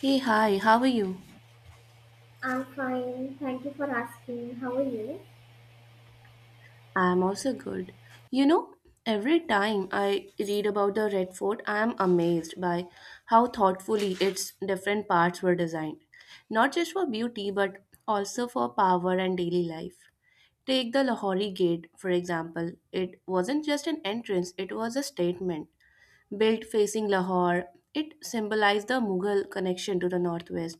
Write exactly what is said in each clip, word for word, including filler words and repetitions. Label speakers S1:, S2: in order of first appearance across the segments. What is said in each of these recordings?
S1: Hey, hi, how are you?
S2: I'm fine. Thank you for asking. How are you?
S1: I'm also good. You know, every time I read about the Red Fort, I am amazed by how thoughtfully its different parts were designed, not just for beauty, but also for power and daily life. Take the Lahori Gate, for example. It wasn't just an entrance, it was a statement. Built facing Lahore, it symbolized the Mughal connection to the northwest,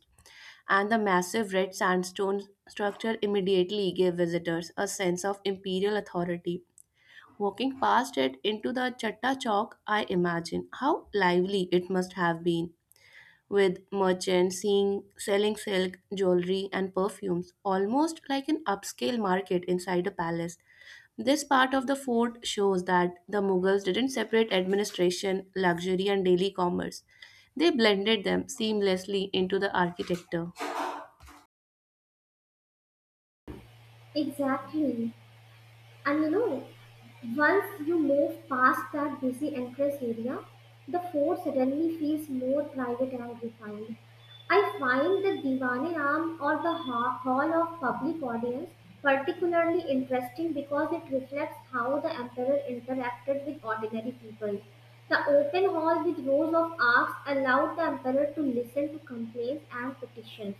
S1: and the massive red sandstone structure immediately gave visitors a sense of imperial authority. Walking past it into the Chatta Chowk, I imagine how lively it must have been, with merchants seeing, selling silk, jewelry, and perfumes, almost like an upscale market inside a palace. This part of the fort shows that the Mughals didn't separate administration, luxury, and daily commerce. They blended them seamlessly into the architecture.
S2: Exactly. And you know, once you move past that busy entrance area, the fort suddenly feels more private and refined. I find the Diwani Ram or the ha- Hall of Public Audience particularly interesting because it reflects how the emperor interacted with ordinary people. The open hall with rows of arcs allowed the emperor to listen to complaints and petitions,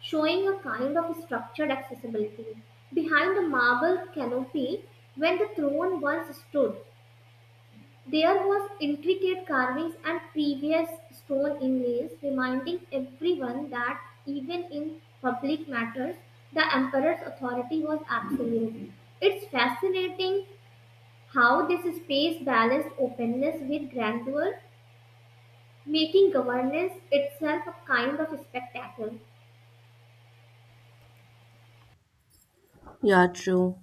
S2: showing a kind of structured accessibility. Behind the marble canopy, when the throne once stood, there was intricate carvings and previous stone inlays, reminding everyone that even in public matters, the emperor's authority was absolute. It's fascinating how this space balanced openness with grandeur, making governance itself a kind of spectacle.
S1: Yeah, true.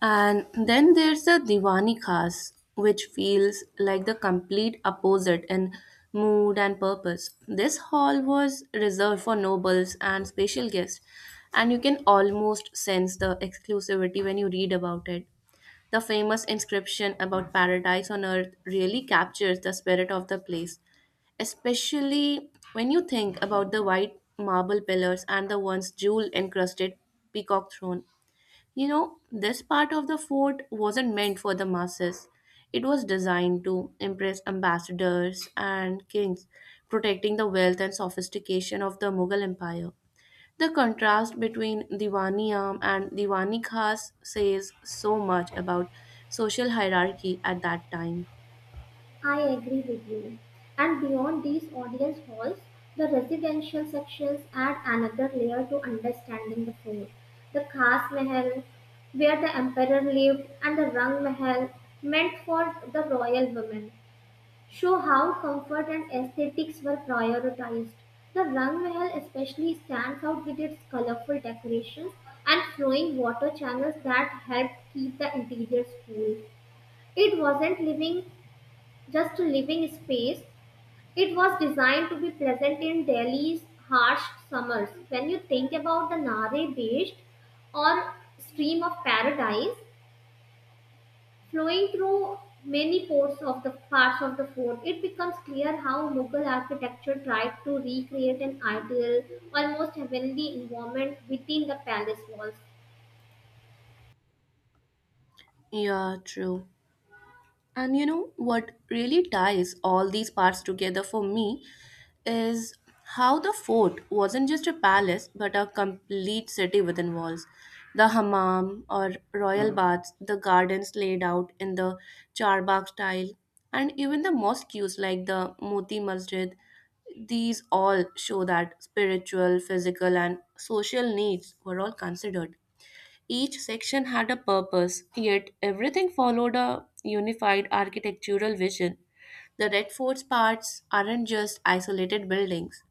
S1: And then there's the Diwani Khas, which feels like the complete opposite in mood and purpose. This hall was reserved for nobles and special guests, and you can almost sense the exclusivity when you read about it. The famous inscription about paradise on earth really captures the spirit of the place, especially when you think about the white marble pillars and the once jewel encrusted peacock throne. You know, this part of the fort wasn't meant for the masses. It was designed to impress ambassadors and kings, protecting the wealth and sophistication of the Mughal Empire. The contrast between Diwaniyam and Diwani Khas says so much about social hierarchy at that time.
S2: I agree with you. And beyond these audience halls, the residential sections add another layer to understanding the fort. The Khas Mahal, where the emperor lived, and the Rang Mahal, meant for the royal women, show how comfort and aesthetics were prioritized. The Rang Mahal especially stands out with its colorful decorations and flowing water channels that helped keep the interiors cool. It wasn't living just a living space. It was designed to be pleasant in Delhi's harsh summers. When you think about the Nare Beach or stream of paradise flowing through many ports of the parts of the fort, it becomes clear how Mughal architecture tried to recreate an ideal, almost heavenly environment within the palace walls.
S1: Yeah, true. And you know what really ties all these parts together for me is how the fort wasn't just a palace but a complete city within walls. The hammam or royal baths, the gardens laid out in the charbagh style, and even the mosques like the Moti Masjid, these all show that spiritual, physical, and social needs were all considered. Each section had a purpose, yet everything followed a unified architectural vision. The Red Fort's parts aren't just isolated buildings.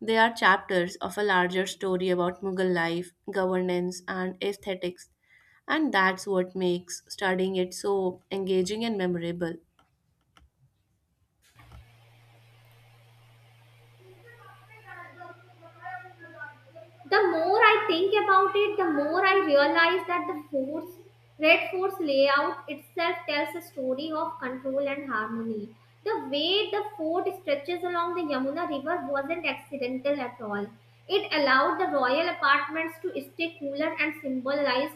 S1: They are chapters of a larger story about Mughal life, governance, and aesthetics, and that's what makes studying it so engaging and memorable.
S2: The more I think about it, the more I realize that the forts, Red Fort's layout itself tells a story of control and harmony. The way the fort stretches along the Yamuna River wasn't accidental at all. It allowed the royal apartments to stay cooler and symbolized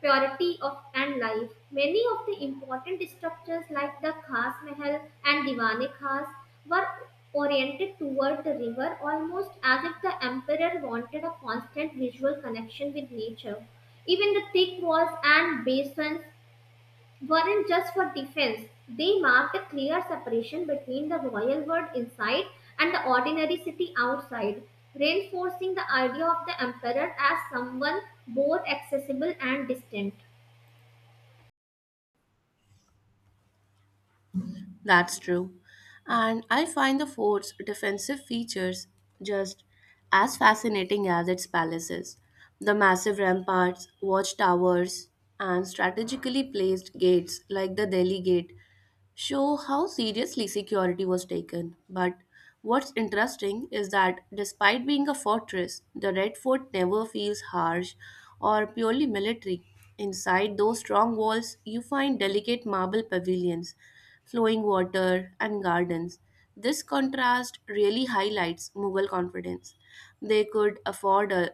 S2: purity of and life. Many of the important structures like the Khas Mahal and Diwane Khas were oriented toward the river, almost as if the emperor wanted a constant visual connection with nature. Even the thick walls and basins weren't just for defense, they marked a clear separation between the royal world inside and the ordinary city outside, reinforcing the idea of the emperor as someone both accessible and distant.
S1: That's true. And I find the fort's defensive features just as fascinating as its palaces. The massive ramparts, watchtowers, and strategically placed gates like the Delhi Gate show how seriously security was taken. But what's interesting is that despite being a fortress, the Red Fort never feels harsh or purely military. Inside those strong walls, you find delicate marble pavilions, flowing water, and gardens. This contrast really highlights Mughal confidence. They could afford a,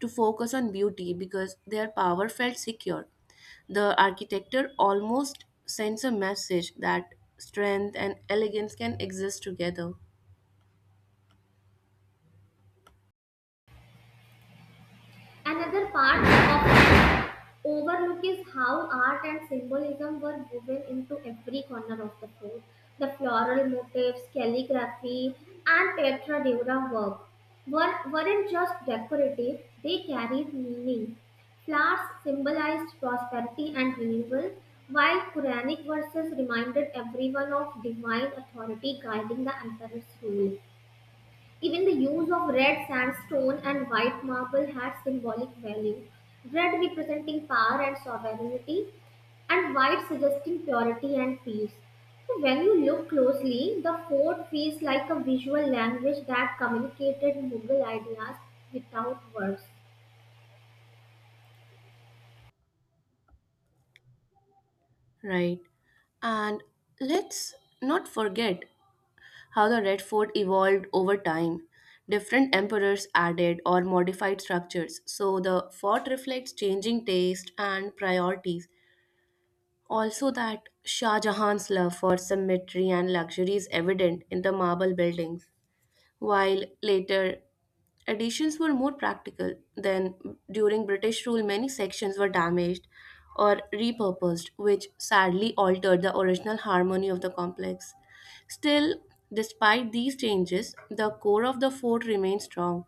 S1: to focus on beauty because their power felt secure. The architecture almost sends a message that strength and elegance can exist together.
S2: Another part of overlook is how art and symbolism were woven into every corner of the fort. The floral motifs, calligraphy, and tetra dura work were, weren't just decorative, they carried meaning. Flowers symbolized prosperity and renewal, while Quranic verses reminded everyone of divine authority guiding the emperor's rule. Even the use of red sandstone and white marble had symbolic value. Red representing power and sovereignty, and white suggesting purity and peace. So when you look closely, the fort feels like a visual language that communicated Mughal ideas without words.
S1: Right. And let's not forget how the Red Fort evolved over time. Different emperors added or modified structures, so the fort reflects changing taste and priorities. Also, that Shah Jahan's love for symmetry and luxury is evident in the marble buildings, while later additions were more practical. Than during British rule, many sections were damaged or repurposed, which sadly altered the original harmony of the complex. Still, despite these changes, the core of the fort remains strong,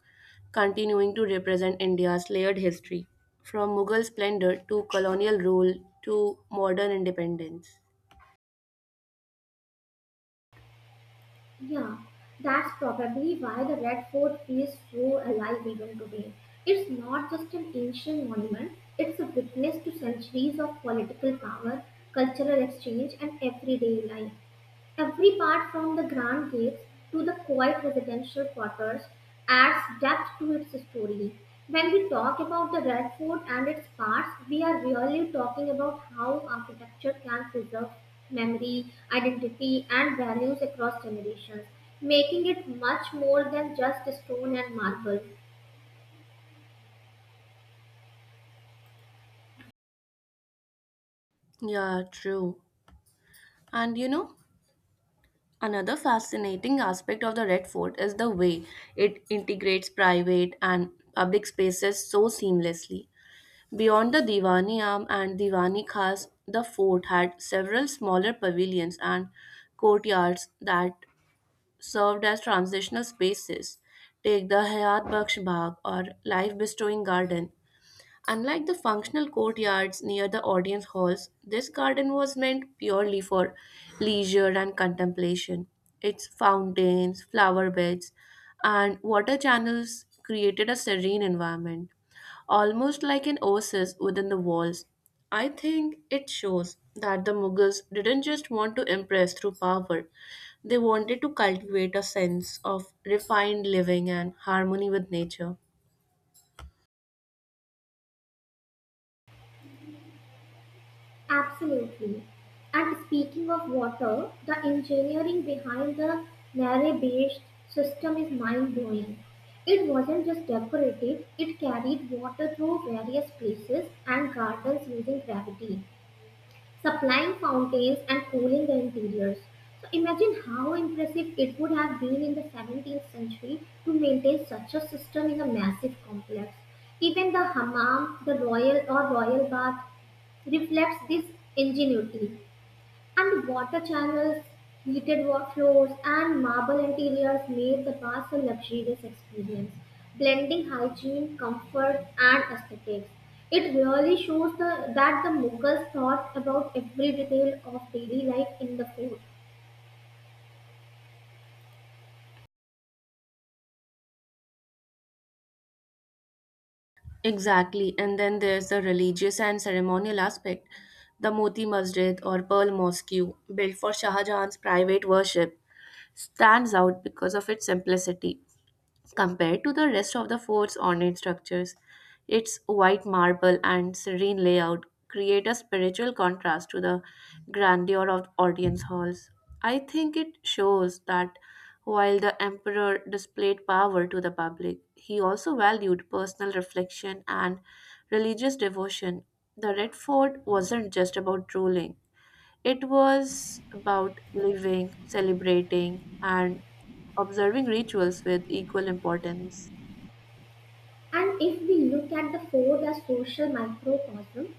S1: continuing to represent India's layered history, from Mughal splendor to colonial rule to modern independence.
S2: Yeah, that's probably why the Red Fort feels so alive even today. It's not just an ancient monument, it's a witness to centuries of political power, cultural exchange, and everyday life. Every part, from the grand gates to the quiet residential quarters, adds depth to its story. When we talk about the Red Fort and its parts, we are really talking about how architecture can preserve memory, identity, and values across generations, making it much more than just stone and marble.
S1: Yeah, true. And you know, another fascinating aspect of the Red Fort is the way it integrates private and public spaces so seamlessly. Beyond the Diwani am and Diwani Khas, the fort had several smaller pavilions and courtyards that served as transitional spaces. Take the Hayat Baksh Bagh or life bestowing garden. Unlike the functional courtyards near the audience halls, this garden was meant purely for leisure and contemplation. Its fountains, flower beds, and water channels created a serene environment, almost like an oasis within the walls. I think it shows that the Mughals didn't just want to impress through power, they wanted to cultivate a sense of refined living and harmony with nature.
S2: Absolutely. And speaking of water, the engineering behind the Nare-based system is mind-blowing. It wasn't just decorative, it carried water through various places and gardens using gravity, supplying fountains and cooling the interiors. So imagine how impressive it would have been in the seventeenth century to maintain such a system in a massive complex. Even the hammam, the royal or royal bath, reflects this ingenuity. And water channels, heated wa- floors, and marble interiors made the bath a luxurious experience, blending hygiene, comfort, and aesthetics. It really shows the, that the Mughals thought about every detail of daily life in the fort.
S1: Exactly. And then there's the religious and ceremonial aspect. The Moti Masjid or Pearl Mosque, built for Shah Jahan's private worship, stands out because of its simplicity. Compared to the rest of the fort's ornate structures, its white marble and serene layout create a spiritual contrast to the grandeur of audience halls. I think it shows that while the emperor displayed power to the public, he also valued personal reflection and religious devotion. The Red Fort wasn't just about ruling, it was about living, celebrating, and observing rituals with equal importance.
S2: And if we look at the fort as social microcosm,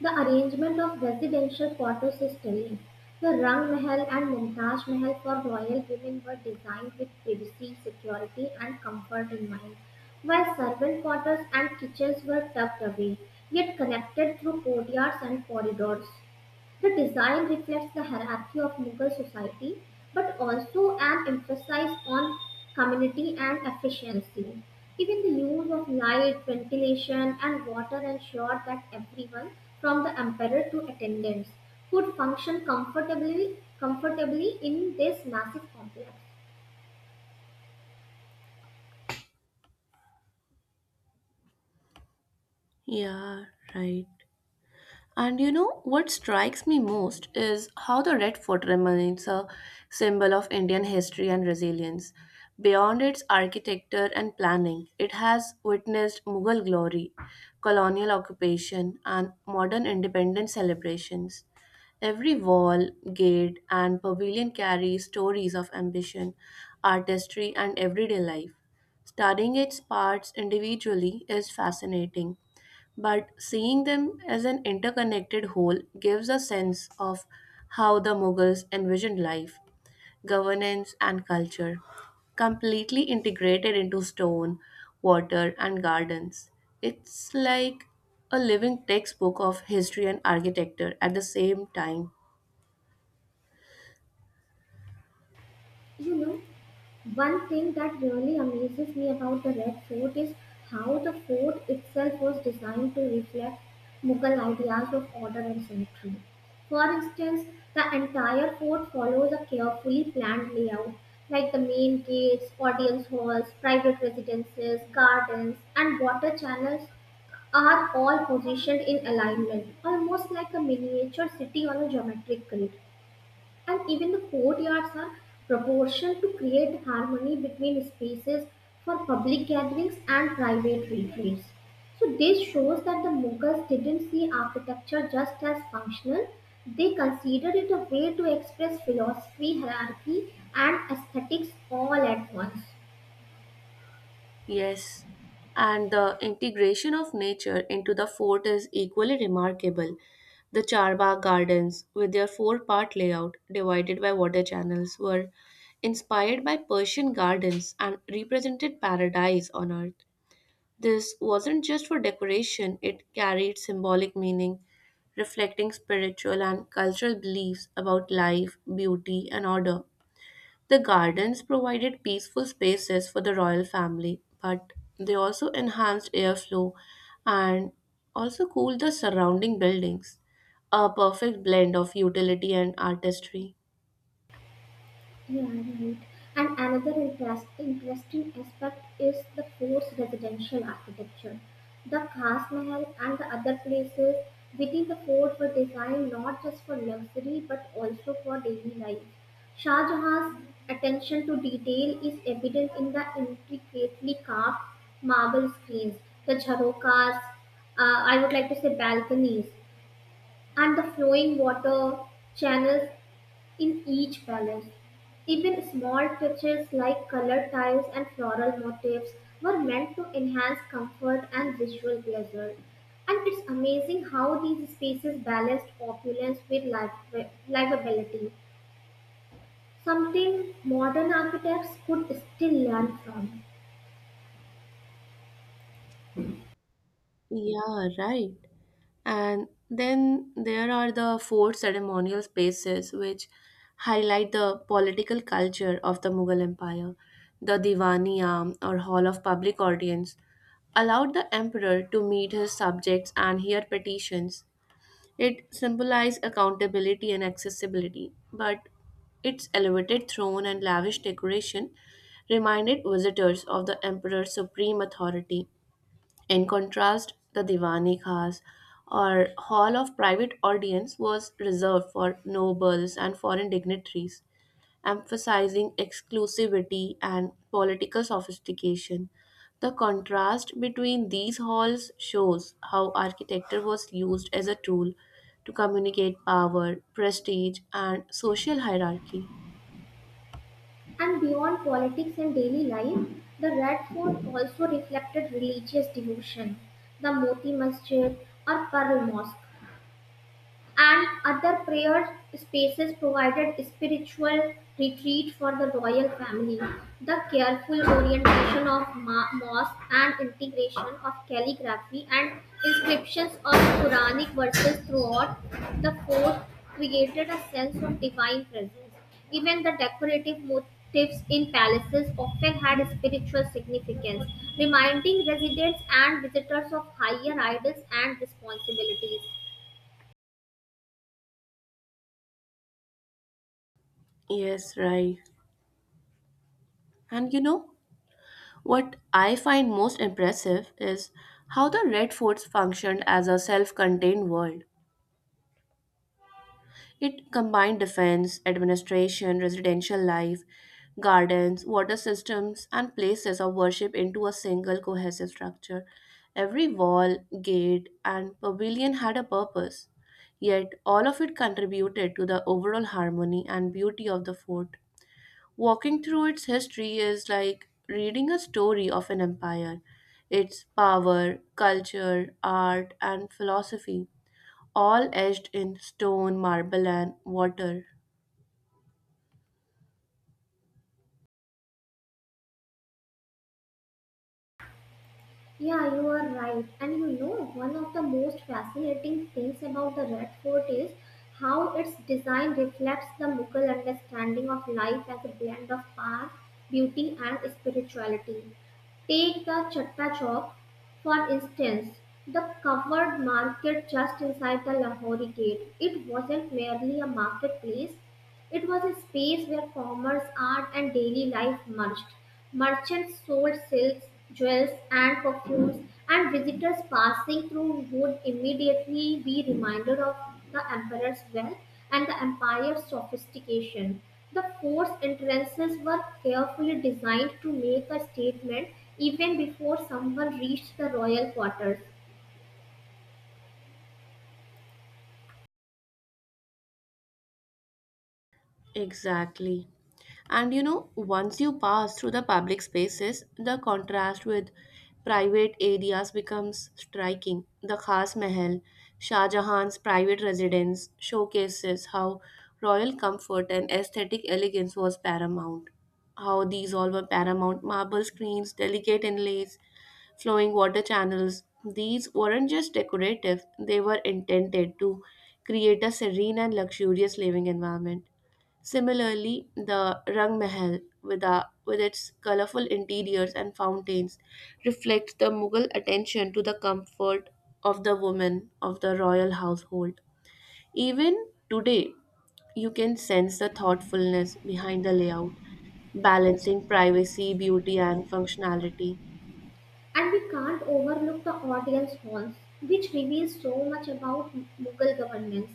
S2: the arrangement of residential quarter system, the Rang Mahal and Mumtaz Mahal for royal women were designed with privacy, security, and comfort in mind, while servant quarters and kitchens were tucked away, yet connected through courtyards and corridors. The design reflects the hierarchy of Mughal society but also an emphasis on community and efficiency. Even the use of light, ventilation, and water ensured that everyone, from the emperor to attendants, could function comfortably, comfortably in this massive complex.
S1: Yeah, right. And you know what strikes me most is how the Red Fort remains a symbol of Indian history and resilience. Beyond its architecture and planning, it has witnessed Mughal glory, colonial occupation, and modern independence celebrations. Every wall, gate, and pavilion carries stories of ambition, artistry, and everyday life. Studying its parts individually is fascinating, but seeing them as an interconnected whole gives a sense of how the Mughals envisioned life, governance, and culture, completely integrated into stone, water, and gardens. It's like a living textbook of history and architecture at the same time.
S2: You know, one thing that really amazes me about the Red Fort is how the fort itself was designed to reflect Mughal ideas of order and symmetry. For instance, the entire fort follows a carefully planned layout, like the main gates, audience halls, private residences, gardens, and water channels are all positioned in alignment, almost like a miniature city on a geometric grid, and even the courtyards are proportioned to create harmony between spaces for public gatherings and private retreats. So, this shows that the Mughals didn't see architecture just as functional, they considered it a way to express philosophy, hierarchy, and aesthetics all at once.
S1: Yes, and the integration of nature into the fort is equally remarkable. The Charbagh Gardens, with their four part layout divided by water channels, were inspired by Persian gardens and represented paradise on earth. This wasn't just for decoration, it carried symbolic meaning, reflecting spiritual and cultural beliefs about life, beauty, and order. The gardens provided peaceful spaces for the royal family, but they also enhanced airflow and also cooled the surrounding buildings. A perfect blend of utility and artistry.
S2: Yeah, right. And another interest, interesting aspect is the forced residential architecture. The Khas Mahal and the other places within the fort were designed not just for luxury but also for daily life. Shah Jahan's attention to detail is evident in the intricately carved marble screens, the jharokas, uh, I would like to say balconies, and the flowing water channels in each palace. Even small touches like colored tiles and floral motifs were meant to enhance comfort and visual pleasure. And it's amazing how these spaces balanced opulence with liv- livability, something modern architects could still learn from.
S1: Yeah, right. And then there are the four ceremonial spaces which highlight the political culture of the Mughal Empire. The Diwaniya or Hall of Public Audience allowed the emperor to meet his subjects and hear petitions. It symbolized accountability and accessibility, but its elevated throne and lavish decoration reminded visitors of the emperor's supreme authority. In contrast, the Diwani Khas or hall of private audience was reserved for nobles and foreign dignitaries, emphasizing exclusivity and political sophistication. The contrast between these halls shows how architecture was used as a tool to communicate power, prestige, and social hierarchy.
S2: And beyond politics and daily life, the Red Fort also reflected religious devotion. The Moti Masjid or Pearl Mosque and other prayer spaces provided spiritual retreat for the royal family. The careful orientation of ma- mosque and integration of calligraphy and inscriptions of Quranic verses throughout the fort created a sense of divine presence. Even the decorative motifs in palaces often had spiritual significance, reminding residents and visitors of higher ideals and responsibilities.
S1: Yes, right. And you know, what I find most impressive is how the Red Forts functioned as a self contained world. It combined defense, administration, residential life, gardens, water systems, and places of worship into a single cohesive structure. Every wall, gate, and pavilion had a purpose, yet all of it contributed to the overall harmony and beauty of the fort. Walking through its history is like reading a story of an empire, its power, culture, art, and philosophy, all etched in stone, marble, and water.
S2: Yeah, you are right. And you know, one of the most fascinating things about the Red Fort is how its design reflects the Mughal understanding of life as a blend of power, beauty, and spirituality. Take the Chatta Chowk, for instance. The covered market just inside the Lahori gate. It wasn't merely a marketplace, it was a space where commerce, art, and daily life merged. Merchants sold silks, jewels, and perfumes, and visitors passing through would immediately be reminded of the emperor's wealth and the empire's sophistication. The force entrances were carefully designed to make a statement even before someone reached the royal quarters.
S1: Exactly. And you know, once you pass through the public spaces, the contrast with private areas becomes striking. The Khas Mahal, Shah Jahan's private residence, showcases how royal comfort and aesthetic elegance was paramount. How these all were paramount marble screens, delicate inlays, flowing water channels. These weren't just decorative, they were intended to create a serene and luxurious living environment. Similarly, the Rang Mahal, with, a, with its colorful interiors and fountains, reflects the Mughal attention to the comfort of the women of the royal household. Even today, you can sense the thoughtfulness behind the layout, balancing privacy, beauty, and functionality.
S2: And we can't overlook the audience halls, which reveals so much about Mughal governance.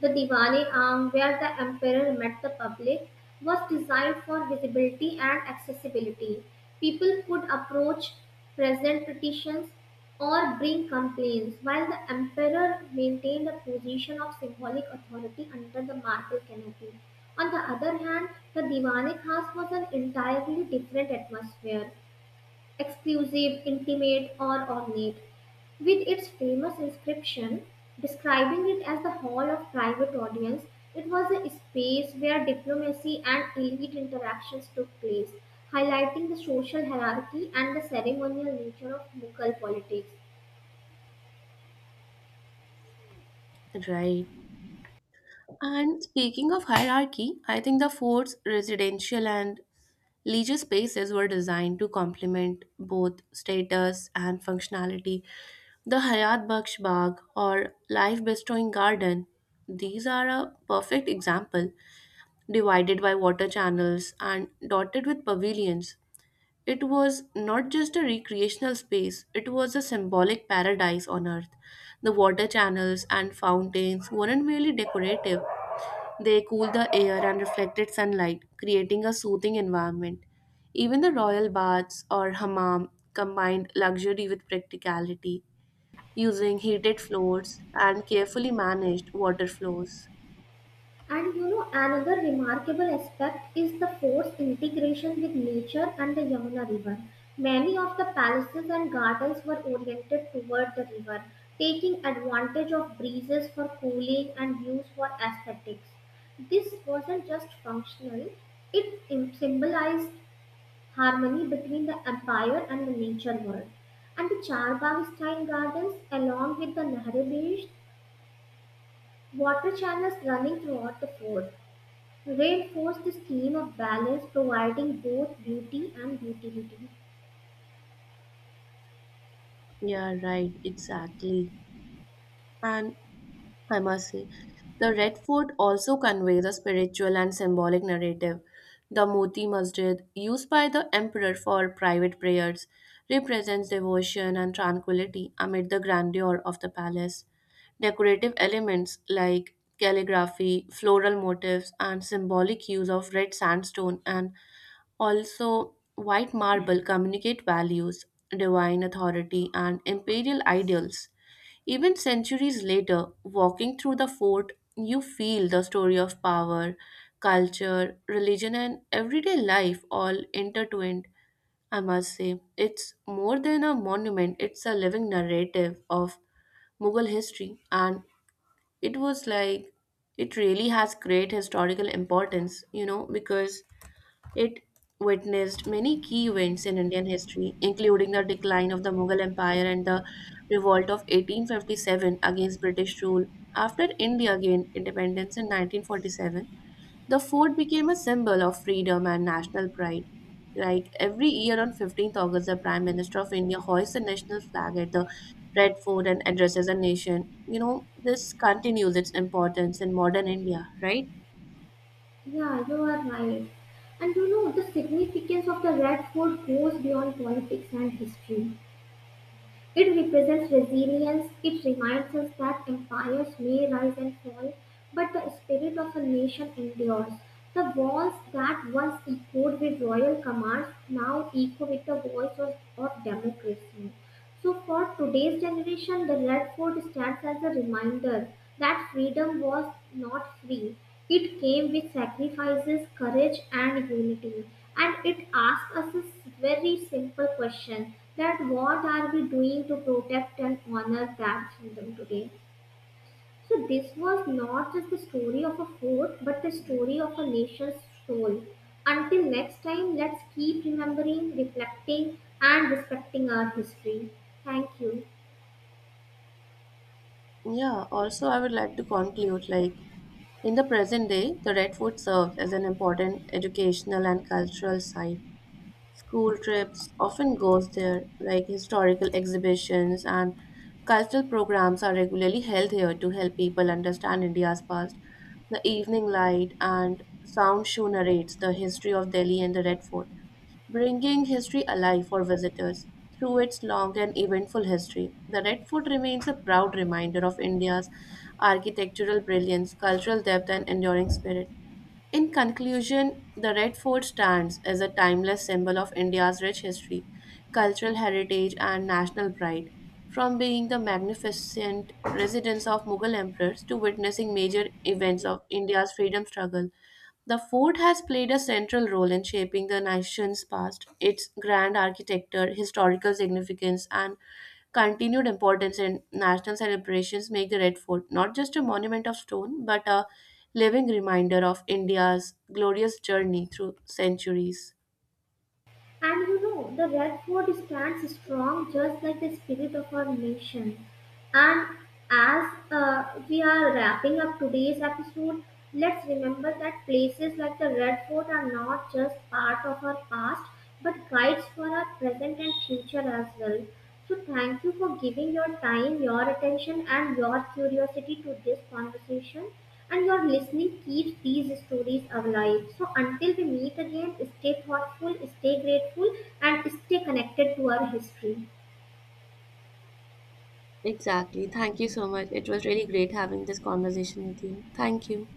S2: The Diwali arm, where the emperor met the public, was designed for visibility and accessibility. People could approach, present petitions, or bring complaints, while the emperor maintained a position of symbolic authority under the marble canopy. On the other hand, the Diwali Khas was an entirely different atmosphere, exclusive, intimate, or ornate, with its famous inscription describing it as the hall of private audience. It was a space where diplomacy and elite interactions took place, highlighting the social hierarchy and the ceremonial nature of Mughal politics.
S1: Right. And speaking of hierarchy, I think the fort's residential and leisure spaces were designed to complement both status and functionality. The Hayat Baksh Bagh or Life Bestowing Garden, these are a perfect example. Divided by water channels and dotted with pavilions, it was not just a recreational space, it was a symbolic paradise on earth. The water channels and fountains weren't merely decorative, they cool the air and reflected sunlight, creating a soothing environment. Even the royal baths or hammam combined luxury with practicality, using heated floors and carefully managed water flows.
S2: And you know, another remarkable aspect is the forced integration with nature and the Yamuna River. Many of the palaces and gardens were oriented toward the river, taking advantage of breezes for cooling and views for aesthetics. This wasn't just functional, it im- symbolized harmony between the empire and the nature world. And the Charbagh style gardens, along with the Nehru Beach, water channels running throughout the fort, reinforce the scheme of balance, providing both beauty and utility.
S1: Yeah, right, exactly. And I must say, the Red Fort also conveys a spiritual and symbolic narrative. The Moti Masjid, used by the emperor for private prayers, represents devotion and tranquility amid the grandeur of the palace. Decorative elements like calligraphy, floral motifs, and symbolic use of red sandstone and also white marble communicate values, divine authority, and imperial ideals. Even centuries later, walking through the fort, you feel the story of power, culture, religion, and everyday life all intertwined. I must say, it's more than a monument, it's a living narrative of Mughal history, and it was like it really has great historical importance, you know, because it witnessed many key events in Indian history, including the decline of the Mughal Empire and the revolt of eighteen fifty-seven against British rule. After India gained independence in nineteen forty-seven, the fort became a symbol of freedom and national pride. Like every year on fifteenth August, the Prime Minister of India hoists the national flag at the Red Fort and addresses the nation. You know, this continues its importance in modern India, right?
S2: Yeah, you are right. And you know, the significance of the red fort goes beyond politics and history. It represents resilience, it reminds us that empires may rise and fall, but the spirit of a nation endures. The walls that once echoed with royal commands now echo with the voice of, of democracy. So, for today's generation, the Red Fort stands as a reminder that freedom was not free. It came with sacrifices, courage, and unity. And it asks us a very simple question that what are we doing to protect and honor that freedom today? So this was not just the story of a fort, but the story of a nation's soul. Until next time, let's keep remembering, reflecting, and respecting our history. Thank you.
S1: Yeah, also, I would like to conclude, like, in the present day, the Red Fort serves as an important educational and cultural site. School trips often goes there, like historical exhibitions and cultural programs are regularly held here to help people understand India's past. The evening light and sound show narrates the history of Delhi and the Red Fort, bringing history alive for visitors. Through its long and eventful history, the Red Fort remains a proud reminder of India's architectural brilliance, cultural depth, and enduring spirit. In conclusion, the Red Fort stands as a timeless symbol of India's rich history, cultural heritage, and national pride. From being the magnificent residence of Mughal emperors to witnessing major events of India's freedom struggle, the fort has played a central role in shaping the nation's past. Its grand architecture, historical significance, and continued importance in national celebrations make the Red Fort not just a monument of stone, but a living reminder of India's glorious journey through centuries.
S2: And you know, the Red Fort stands strong just like the spirit of our nation. And as uh, we are wrapping up today's episode, let's remember that places like the Red Fort are not just part of our past, but guides for our present and future as well. So, thank you for giving your time, your attention, and your curiosity to this conversation. And your listening keeps these stories alive. So, until we meet again, stay thoughtful, stay grateful, and stay connected to our history.
S1: Exactly. Thank you so much. It was really great having this conversation with you. Thank you.